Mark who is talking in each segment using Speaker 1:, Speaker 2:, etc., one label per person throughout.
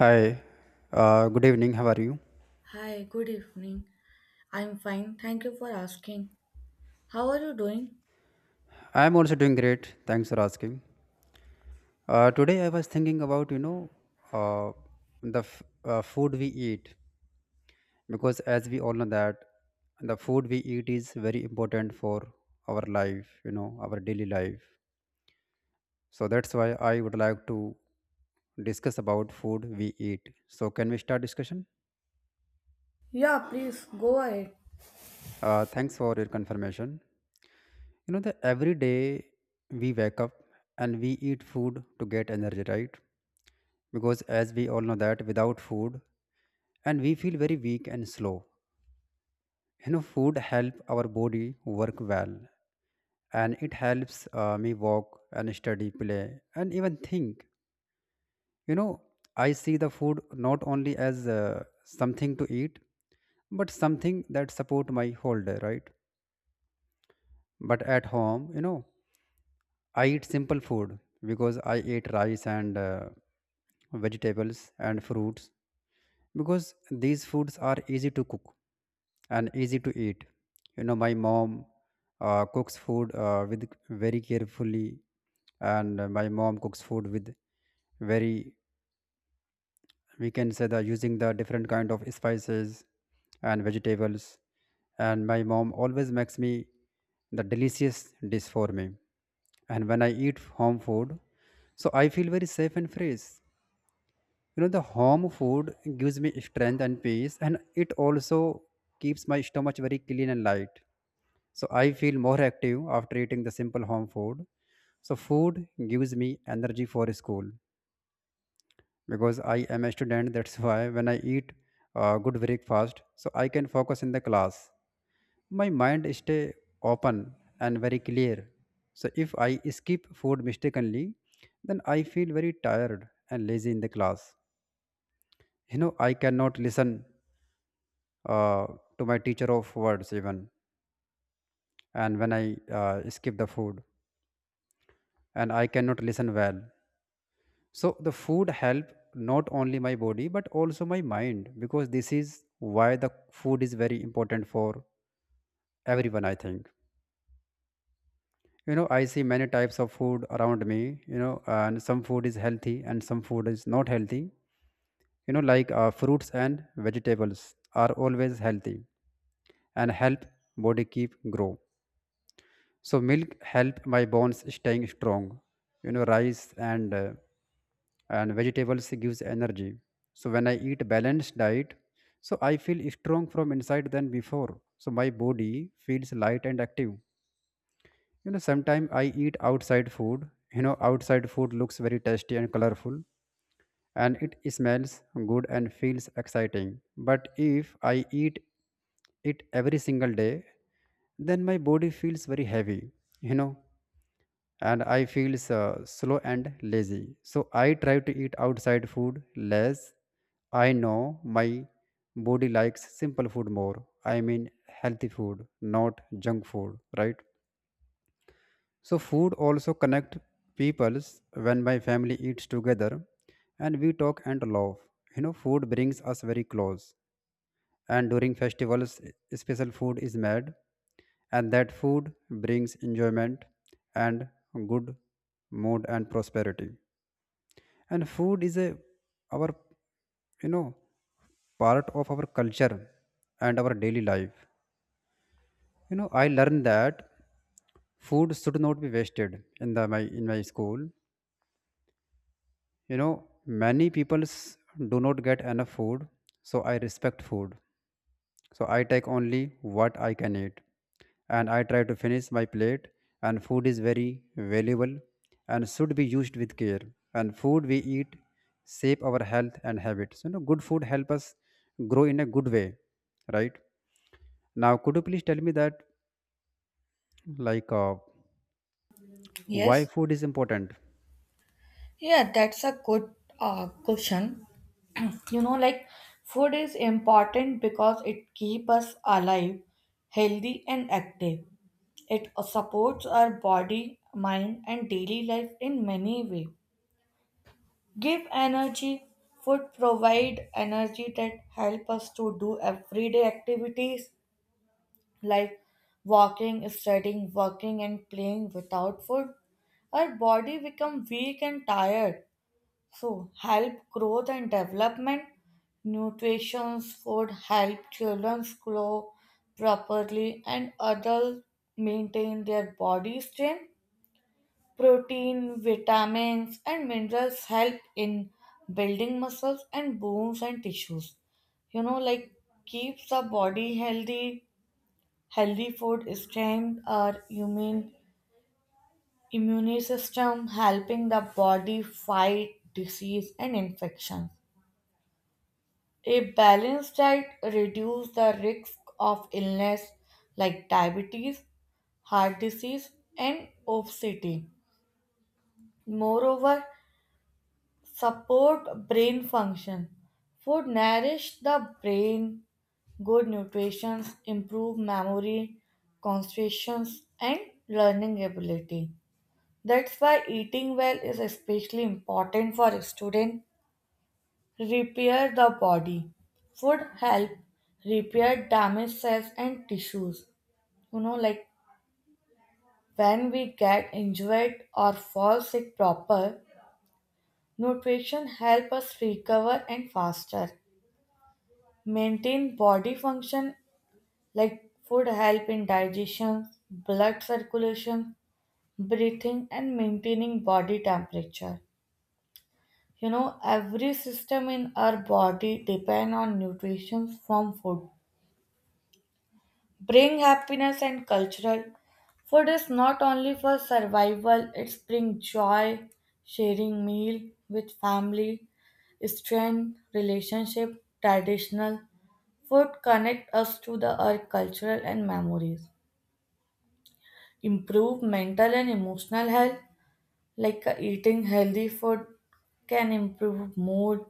Speaker 1: Hi, good evening. How are you?
Speaker 2: Hi, good evening. I'm fine. Thank you for asking. How are you doing?
Speaker 1: I am also doing great. Thanks for asking. Today I was thinking about uh, the food we eat, because as we all know that the food we eat is very important for our life, you know, our daily life. So that's why I would like to discuss about food we eat. So can we start discussion?
Speaker 2: Yeah, please go ahead.
Speaker 1: Thanks for your confirmation. You know that every day we wake up and we eat food to get energy, right? Because as we all know that without food, and we feel very weak and slow. You know, food help our body work well, and it helps me walk and study, play, and even think. You know, I see the food not only as something to eat, but something that support my whole day, right? But at home, you know, I eat simple food because I eat rice and vegetables and fruits, because these foods are easy to cook and easy to eat. You know, my mom cooks food with very carefully, and my mom cooks food with very, we can say that, using the different kind of spices and vegetables, and my mom always makes me the delicious dish for me. And when I eat home food, so I feel very safe and free. You know, the home food gives me strength and peace, and it also keeps my stomach very clean and light, so I feel more active after eating the simple home food. So food gives me energy for school, because I am a student. That's why when I eat good breakfast, so I can focus in the class. My mind stay open and very clear. So if I skip food mistakenly, then I feel very tired and lazy in the class. You know, I cannot listen uh, to my teacher of words even. And when I skip the food, and I cannot listen well. So the food help not only my body but also my mind, because this is why the food is very important for everyone, I think. You know, I see many types of food around me, you know, and some food is healthy and some food is not healthy. You know, like fruits and vegetables are always healthy and help body keep grow. So milk help my bones staying strong. You know, rice and and vegetables gives energy. So when I eat balanced diet, so I feel strong from inside than before. So my body feels light and active. You know, sometimes I eat outside food. You know, outside food looks very tasty and colorful, and it smells good and feels exciting. But if I eat it every single day, then my body feels very heavy, you know, and I feel so slow and lazy. So I try to eat outside food less. I know my body likes simple food more. I mean healthy food, not junk food, right? So food also connect peoples. When my family eats together and we talk and laugh, you know, food brings us very close. And during festivals, special food is made, and that food brings enjoyment and good mood and prosperity. And food is a our, you know, part of our culture and our daily life. You know, I learned that food should not be wasted in the my in my school. You know, many people do not get enough food, so I respect food. So I take only what I can eat, and I try to finish my plate. And food is very valuable and should be used with care. And food we eat shape our health and habits. You know, good food help us grow in a good way, right? Now, could you please tell me that, like why
Speaker 2: Yes.
Speaker 1: food is important?
Speaker 2: Yeah, that's a good question. You know, like food is important because it keeps us alive, healthy, and active. It supports our body, mind, and daily life in many ways. Give energy. Food provide energy that help us to do everyday activities like walking, studying, working, and playing without food, our body become weak and tired. So help growth and development. Nutrition food help children grow properly and adults maintain their body strength. Protein, vitamins, and minerals help in building muscles and bones and tissues. You know, like keeps the body healthy. Healthy food strengthens our immune system, helping the body fight disease and infections. A balanced diet reduces the risk of illness like diabetes, heart disease, and obesity. Moreover, support brain function. Food nourish the brain, good nutrition, improve memory, concentration, and learning ability. That's why eating well is especially important for students. Repair the body. Food help repair damaged cells and tissues. You know, like when we get injured or fall sick proper, nutrition help us recover and faster. Maintain body function like food help in digestion, blood circulation, breathing and maintaining body temperature. You know, every system in our body depend on nutrition from food. Bring happiness and cultural. Food is not only for survival, it's bring joy, sharing meal with family, strength, relationship, traditional. Food connect us to the earth cultural and memories. Improve mental and emotional health. Like eating healthy food can improve mood,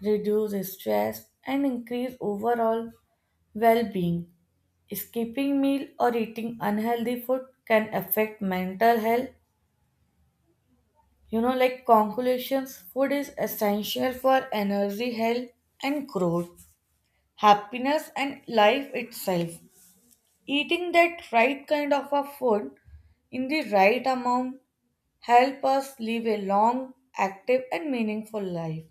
Speaker 2: reduce stress, and increase overall well being. Skipping meal or eating unhealthy food can affect mental health. You know, like conclusions, food is essential for energy, health, and growth, happiness, and life itself. Eating that right kind of a food in the right amount help us live a long, active, and meaningful life.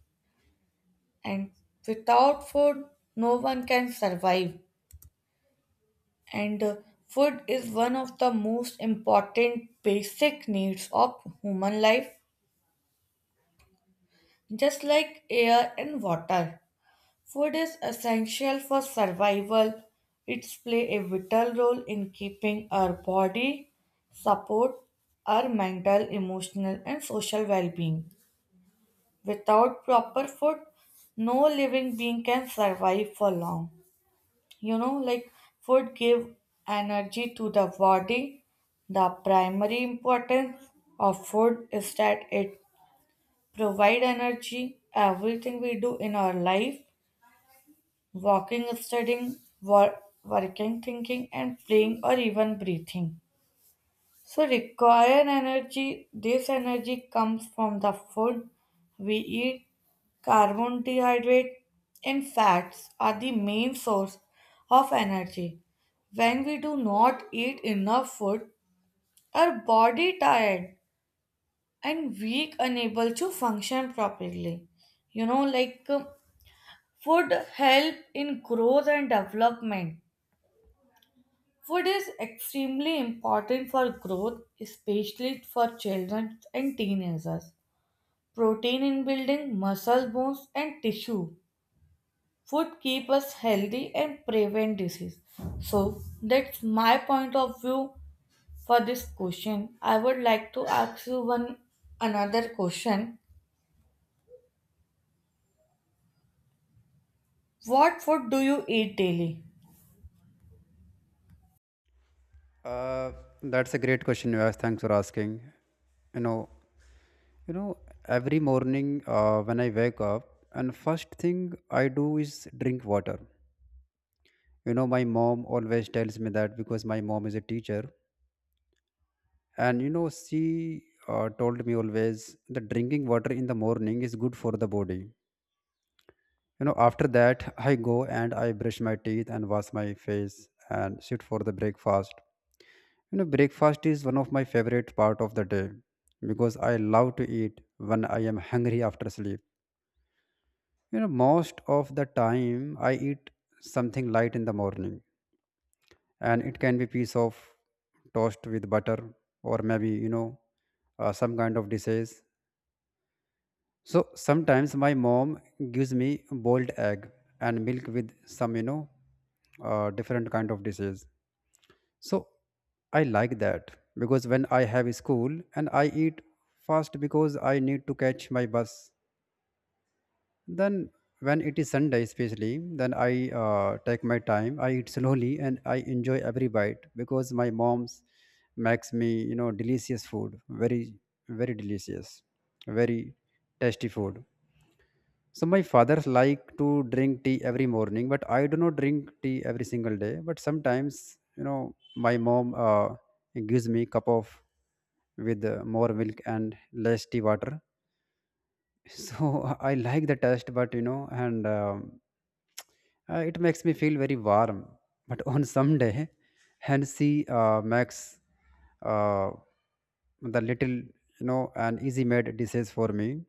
Speaker 2: And without food, no one can survive. And food is one of the most important basic needs of human life, just like air and water. Food is essential for survival. It plays a vital role in keeping our body, support our mental, emotional, and social well being. Without proper food, no living being can survive for long. You know, like food give energy to the body. The primary importance of food is that it provide energy. Everything we do in our life, walking, studying, working, thinking, and playing, or even breathing. So require energy. This energy comes from the food we eat. Carbohydrates, and fats are the main source of energy. When we do not eat enough food, our body tired and weak, unable to function properly. You know, like food help in growth and development. Food is extremely important for growth, especially for children and teenagers. Protein in building muscle bones and tissue. Food keep us healthy and prevent disease. So that's my point of view for this question. I would like to ask you one another question. What food do you eat daily?
Speaker 1: uh, that's a great question you asked. Thanks for asking. You know You know, every morning when I wake up, and first thing I do is drink water. You know, my mom always tells me that, because my mom is a teacher, and you know, she told me always that drinking water in the morning is good for the body. You know, after that, I go and I brush my teeth and wash my face and sit for the breakfast. You know, breakfast is one of my favorite part of the day, because I love to eat when I am hungry after sleep. You know, most of the time I eat something light in the morning, and it can be piece of toast with butter, or maybe you know, some kind of dishes. So sometimes my mom gives me boiled egg and milk with some, you know, different kind of dishes. So I like that, because when I have school and I eat fast because I need to catch my bus. Then when it is sunday especially, then I take my time, I eat slowly and I enjoy every bite, because my mom's makes me, you know, delicious food, very very delicious, very tasty food. So my father like to drink tea every morning, but I do not drink tea every single day. But sometimes, you know, my mom gives me cup of with more milk and less tea water. So I like the taste, but you know, and it makes me feel very warm. But on some day, Hennessy makes uh, the little, you know, an easy made dishes for me.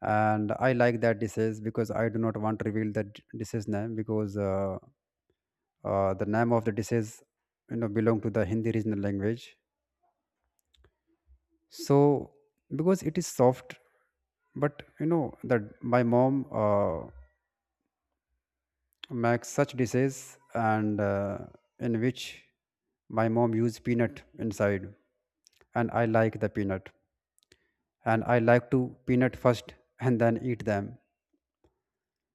Speaker 1: And I like that dishes, because I do not want to reveal that dishes name, because the name of the dishes, you know, belong to the Hindi regional language. So because it is soft, but you know that my mom. Make such dishes, and in which my mom used peanut inside, and I like the peanut, and I like to peanut first and then eat them.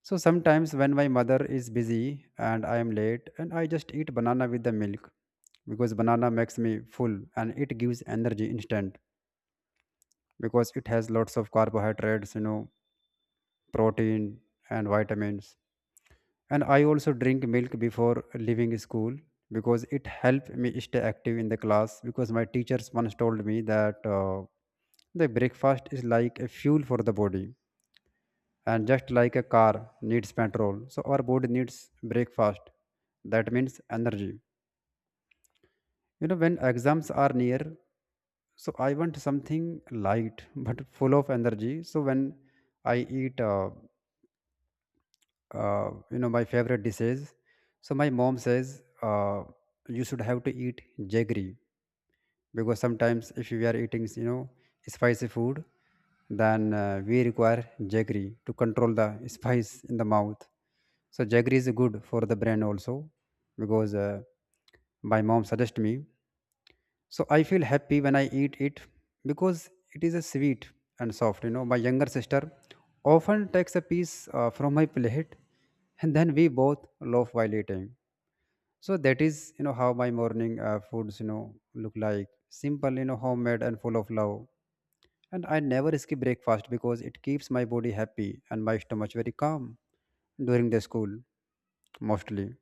Speaker 1: So sometimes when my mother is busy and I am late, and I just eat banana with the milk, because banana makes me full and it gives energy instant, because it has lots of carbohydrates, you know, protein and vitamins. And I also drink milk before leaving school, because it helped me stay active in the class, because my teachers once told me that the breakfast is like a fuel for the body, and just like a car needs petrol, so our body needs breakfast, that means energy. You know, when exams are near, so I want something light but full of energy. So when I eat you know, my favorite dishes, so my mom says you should have to eat jaggery, because sometimes if we are eating, you know, spicy food, then we require jaggery to control the spice in the mouth. So jaggery is good for the brain also, because my mom suggested me. So I feel happy when I eat it, because it is a sweet and soft. You know, my younger sister often takes a piece from my plate, and then we both laugh while eating. So that is, you know, how my morning foods, you know, look like, simple, you know, homemade and full of love. And I never skip breakfast because it keeps my body happy and my stomach very calm during the school mostly.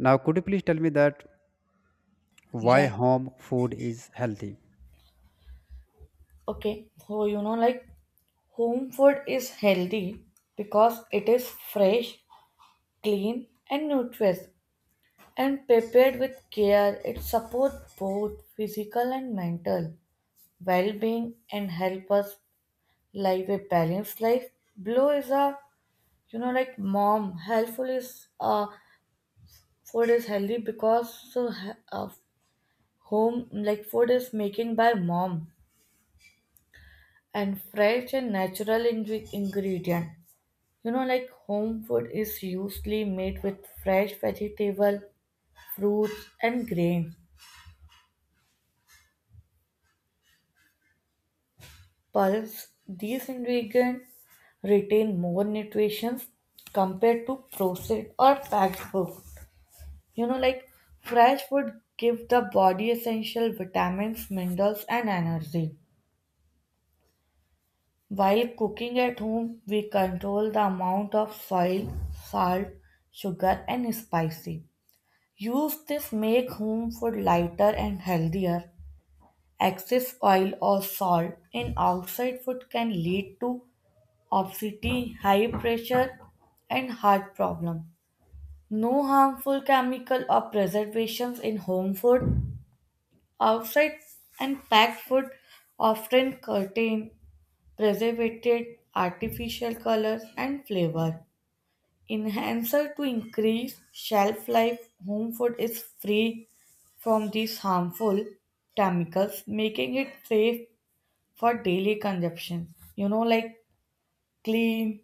Speaker 1: Now, could you please tell me that why
Speaker 2: Yeah.
Speaker 1: home food is healthy?
Speaker 2: Okay, so you know, like home food is healthy because it is fresh, clean, and nutritious, and prepared with care. It supports both physical and mental well being and help us live a balanced life. Blue is a, you know, like mom. Helpful is food is healthy because home like food is making by mom and fresh and natural ingredient. You know, like home food is usually made with fresh vegetable, fruits, and grains. Pulse these ingredients retain more nutrition compared to processed or packed food. You know, like fresh food give the body essential vitamins, minerals, and energy. While cooking at home, we control the amount of soil, salt, sugar, and spicy. Use this make home food lighter and healthier. Excess oil or salt in outside food can lead to obesity, high pressure, and heart problem. No harmful chemical or preservations in home food. Outside and packed food often contain preservative artificial colors and flavor. Enhancer to increase shelf life, home food is free from these harmful chemicals, making it safe for daily consumption. You know, like clean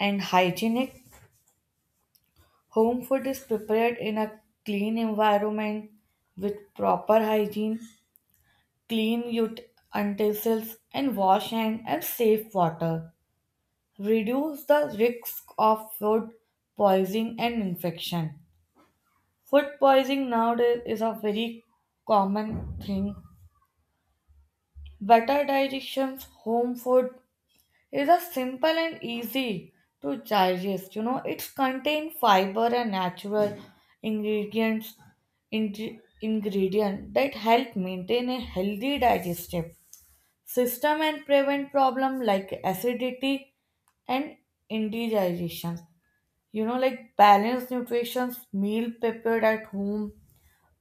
Speaker 2: and hygienic. Home food is prepared in a clean environment with proper hygiene. Clean utensils and wash hand and safe water. Reduce the risk of food poisoning and infection. Food poisoning nowadays is a very common thing. Better digestion, home food is a simple and easy to digest. You know, it's contain fiber and natural ingredients in- ingredient that help maintain a healthy digestive system and prevent problem like acidity and indigestion. You know, like balanced nutrition, meal prepared at home.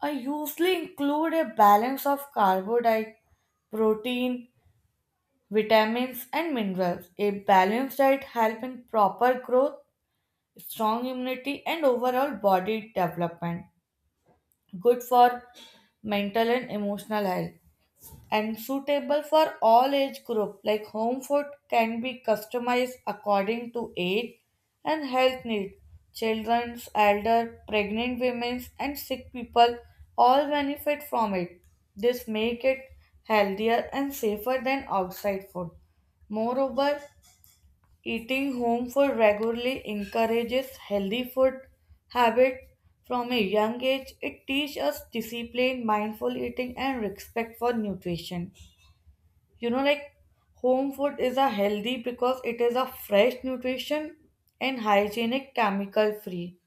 Speaker 2: I usually include a balance of carbohydrate, protein, vitamins, and minerals. A balanced diet helps in proper growth, strong immunity, and overall body development. Good for mental and emotional health, and suitable for all age group like home food can be customized according to age and health need, children's elder pregnant women and sick people all benefit from it. This make it healthier and safer than outside food. Moreover, eating home food regularly encourages healthy food habit from a young age. It teaches us discipline mindful eating and respect for nutrition. You know, like home food is a healthy because it is a fresh nutrition and hygienic chemical free,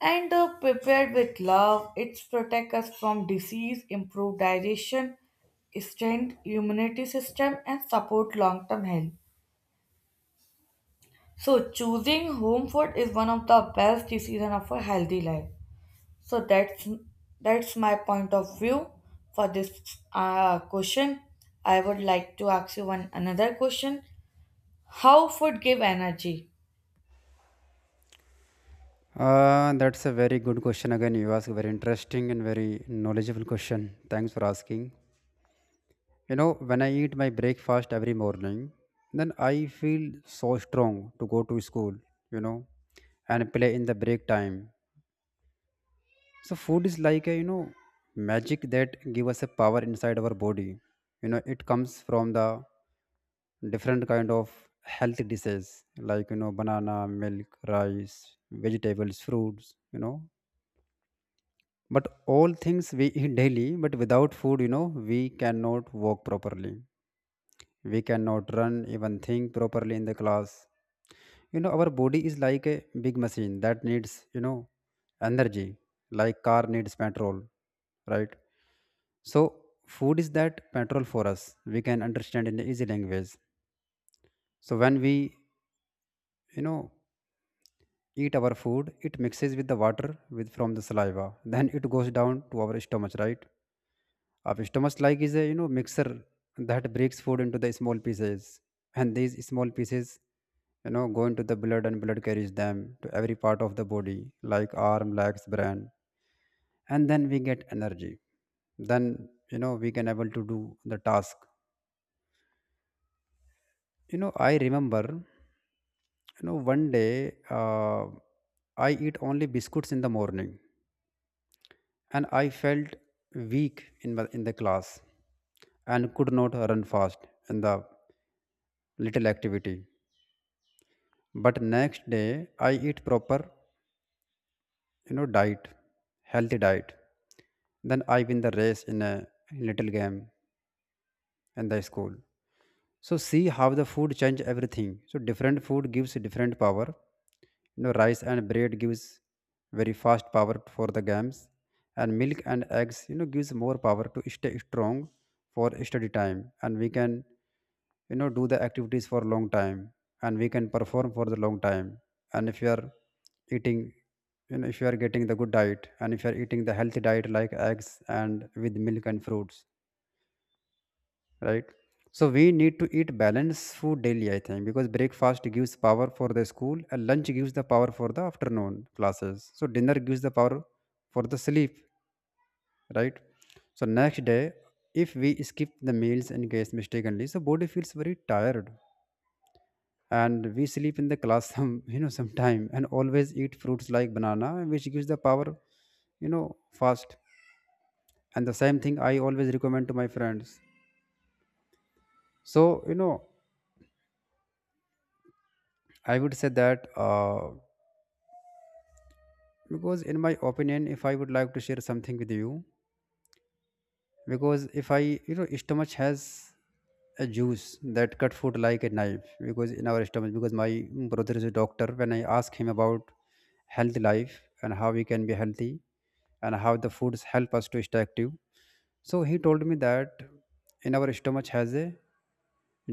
Speaker 2: and prepared with love. It protects us from disease, improve digestion, strengthen immunity system, and support long term health. So choosing home food is one of the best decision of a healthy life. So that's my point of view for this question. I would like to ask you one another question. How food give energy?
Speaker 1: That's a very good question. Again, you ask very interesting and very knowledgeable question. Thanks for asking. You know, when I eat my breakfast every morning, then I feel so strong to go to school, you know, and play in the break time. So food is like a, you know, magic that give us a power inside our body. You know, it comes from the different kind of healthy dishes like, you know, banana, milk, rice, vegetables, fruits, you know, but all things we eat daily. But without food, you know, we cannot walk properly, we cannot run, even think properly in the class. You know, our body is like a big machine that needs, you know, energy, like car needs petrol, right? So food is that petrol for us, we can understand in easy language. So when we, you know, eat our food, it mixes with the water, with from the saliva, then it goes down to our stomach, right? A stomach like is a, you know, mixer that breaks food into the small pieces, and these small pieces, you know, go into the blood, and blood carries them to every part of the body like arm, legs, brain, and then we get energy. Then you know we can able to do the task. I remember one day I eat only biscuits in the morning, and I felt weak in my, in the class and could not run fast in the little activity. But next day I eat proper diet, healthy diet, then I win the race in a little game in the school. So see how the food change everything. So different food gives different power. You know, rice and bread gives very fast power for the games, and milk and eggs, you know, gives more power to stay strong for study time, and we can, you know, do the activities for long time, and we can perform for the long time. And if you are eating, you know, if you are getting the good diet, and if you are eating the healthy diet like eggs and with milk and fruits, right. So we need to eat balanced food daily, I think, because breakfast gives power for the school, and lunch gives the power for the afternoon classes, so dinner gives the power for the sleep, right. So next day if we skip the meals and guess mistakenly, so body feels very tired and we sleep in the class some sometime, and always eat fruits like banana which gives the power, you know fast. And the same thing I always recommend to my friends. So, I would say that because in my opinion, if I would like to share something with you, because if I stomach has a juice that cut food like a knife, because in our stomach, because my brother is a doctor, when I ask him about healthy life and how we can be healthy and how the foods help us to stay active, so he told me that in our stomach has a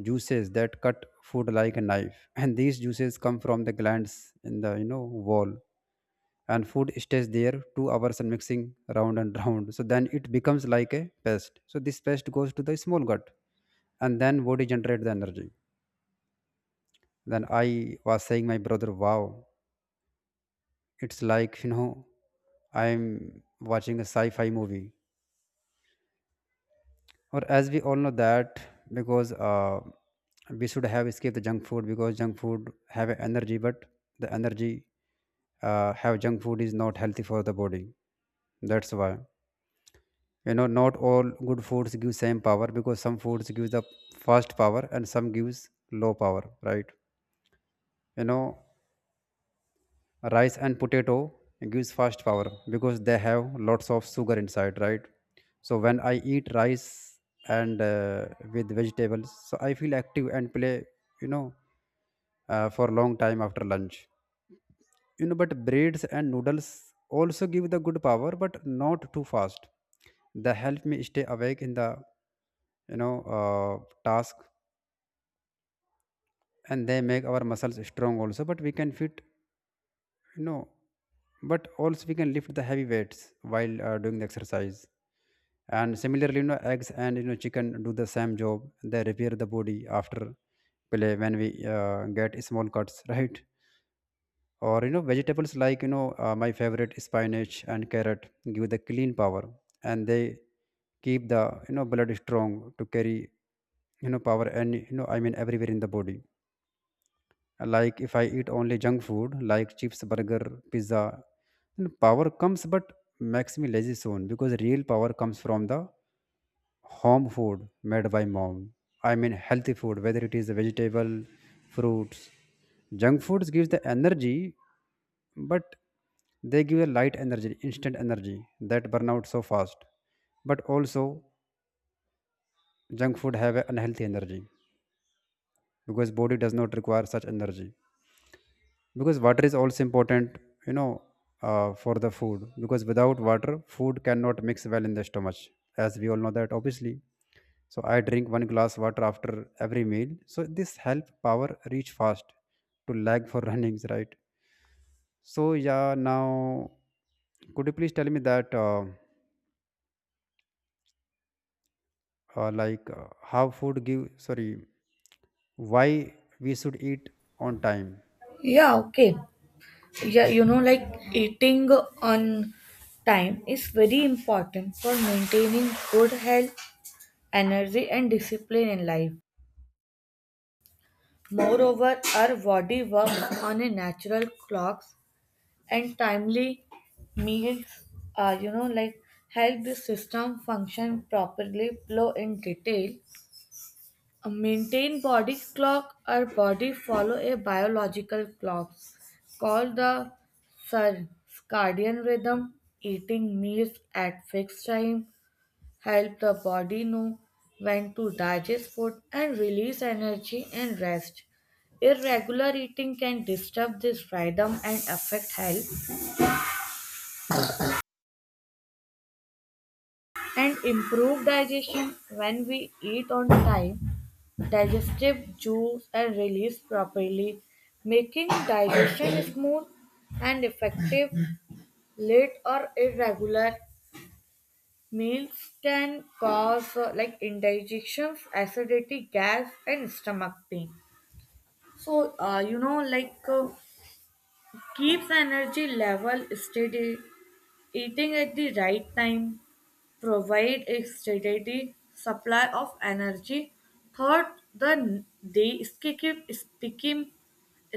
Speaker 1: juices that cut food like a knife, and these juices come from the glands in the wall. And food stays there 2 hours and mixing round and round, so then it becomes like a paste, so this paste goes to the small gut, and then body generate the energy. Then I was saying my brother, wow, it's like I'm watching a sci-fi movie. Or as we all know that, because we should have escaped the junk food, because junk food have a energy but the energy, have junk food is not healthy for the body. That's why, not all good foods give same power, because some foods give the fast power and some gives low power, right. You know, rice and potato gives fast power because they have lots of sugar inside, right. So when I eat rice and with vegetables, so I feel active and play, you know for a long time after lunch. But breads and noodles also give the good power but not too fast. They help me stay awake in the you know uh, task, and they make our muscles strong also. But we can fit, you know but also we can lift the heavy weights while doing the exercise. And similarly, you know, eggs and, you know, chicken do the same job. They repair the body after play when we get small cuts right. Or, you know, vegetables like, you know, my favorite spinach and carrot give the clean power, and they keep the blood strong to carry, power and, you know, I mean everywhere in the body. Like if I eat only junk food like chips, burger, pizza, then power comes but makes me lazy soon, because real power comes from the home food made by mom. I mean healthy food, whether it is vegetable, fruits. Junk foods gives the energy, but they give a light energy, instant energy that burn out so fast. But also junk food have an unhealthy energy because body does not require such energy. Because water is also important, you know for the food, because without water food cannot mix well in the stomach, as we all know that obviously. So I drink one glass water after every meal, so this help power reach fast to lag for runnings, right. So yeah, now could you please tell me that like how food give, sorry, why we should eat on time?
Speaker 2: Yeah, okay. Yeah, you know, like eating on time is very important for maintaining good health, energy, and discipline in life. Moreover, our body works on a natural clocks and timely meals, you know, like help the system function properly. Flow in detail. Maintain body clock. Our body follow a biological clock called the circadian rhythm. Eating meals at fixed time help the body know when to digest food and release energy and rest. Irregular eating can disturb this rhythm and affect health, and improve digestion. When we eat on time, digestive juice are released properly, making digestion smooth and effective. Late or irregular meals can cause like indigestions, acidity, gas and stomach pain. So you know, like keeps energy level steady. Eating at the right time provide a steady supply of energy. Third, the day skip, skipping,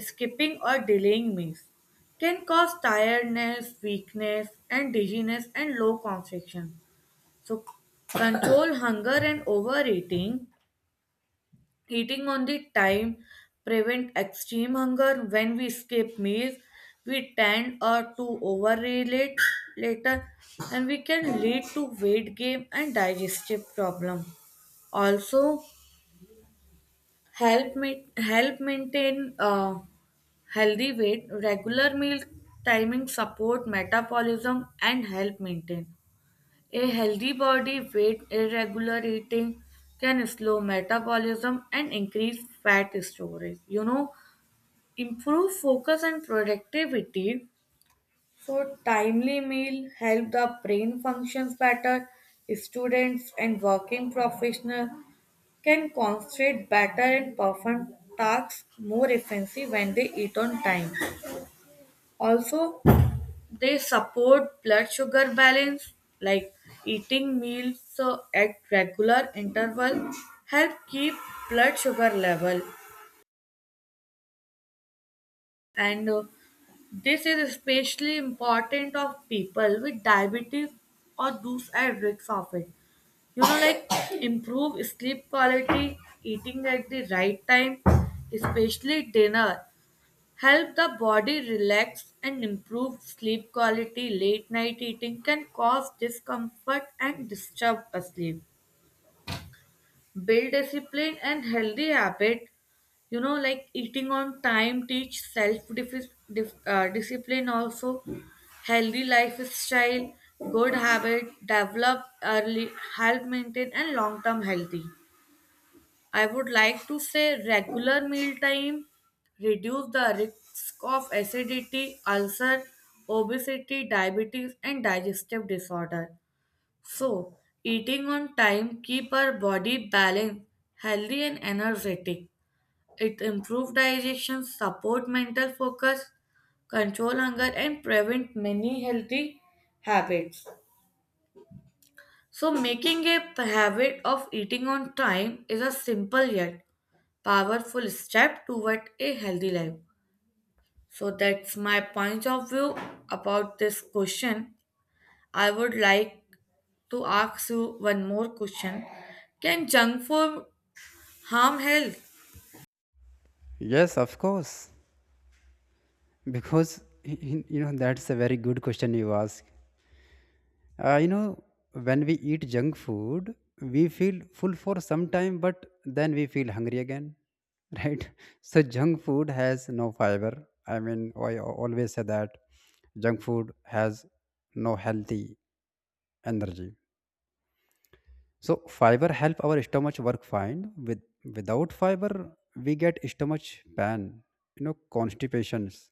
Speaker 2: skipping or delaying meals can cause tiredness, weakness, and dizziness and low concentration. So, control hunger and overeating. Eating on the time prevent extreme hunger. When we skip meals, we tend to overeat later, and we can lead to weight gain and digestive problem. Also, help maintain healthy weight. Regular meal timing support metabolism and help maintain a healthy body weight, irregular eating can slow metabolism and increase fat storage. You know, improve focus and productivity. So, timely meal help the brain functions better. Students and working professionals can concentrate better and perform tasks more efficiently when they eat on time. Also, they support blood sugar balance like eating meals at regular interval help keep blood sugar level, and this is especially important of people with diabetes or those at risk of it. You know, like improve sleep quality. Eating at the right time, especially dinner, help the body relax and improve sleep quality. Late night eating can cause discomfort and disturb sleep. Build discipline and healthy habit. You know, like eating on time, teach self discipline also. Healthy lifestyle, good habit, develop early, help maintain and long term healthy. I would like to say regular mealtime reduce the risk of acidity, ulcer, obesity, diabetes, and digestive disorder. So, eating on time keep our body balanced, healthy, and energetic. It improves digestion, support mental focus, control hunger, and prevent many healthy habits. So, making a habit of eating on time is a simple yet powerful step toward a healthy life. So, that's my point of view about this question. I would like to ask you one more question. Can junk food harm health?
Speaker 1: Yes, of course, because you know that's a very good question you ask. You know, when we eat junk food, we feel full for some time, but then we feel hungry again, right? So, junk food has no fiber. I mean, I always say that junk food has no healthy energy. So fiber help our stomach work fine. With without fiber, we get stomach pain, you know, constipations.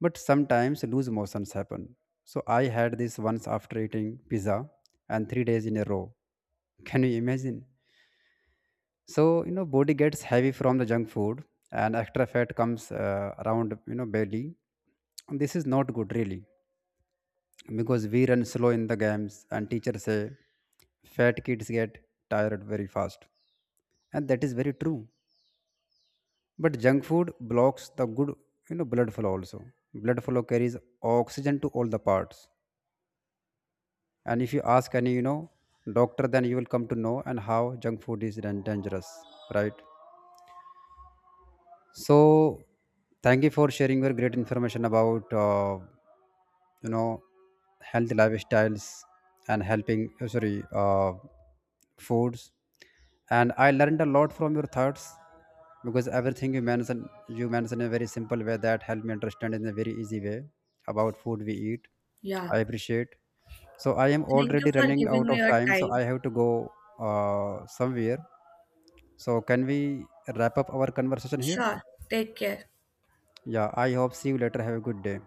Speaker 1: But sometimes loose motions happen. So I had this once after eating pizza and 3 days in a row. Can you imagine? So you know, body gets heavy from the junk food, and extra fat comes around, you know, belly. This is not good really, because we run slow in the games, and teachers say fat kids get tired very fast, and that is very true. But junk food blocks the good, you know, blood flow also. Blood flow carries oxygen to all the parts, and if you ask any, you know, doctor, then you will come to know and how junk food is dangerous, right. So, thank you for sharing your great information about you know, healthy lifestyles and helping sorry, foods. And I learned a lot from your thoughts, because everything you mentioned in a very simple way that helped me understand in a very easy way about food we eat.
Speaker 2: Yeah.
Speaker 1: I appreciate. So I am
Speaker 2: Thank you
Speaker 1: already
Speaker 2: for
Speaker 1: running
Speaker 2: giving
Speaker 1: out
Speaker 2: me
Speaker 1: of
Speaker 2: your
Speaker 1: time, so I
Speaker 2: time.
Speaker 1: have to go somewhere. So can we wrap up our conversation here?
Speaker 2: Sure. Take care.
Speaker 1: Yeah, I hope see you later. Have a good day.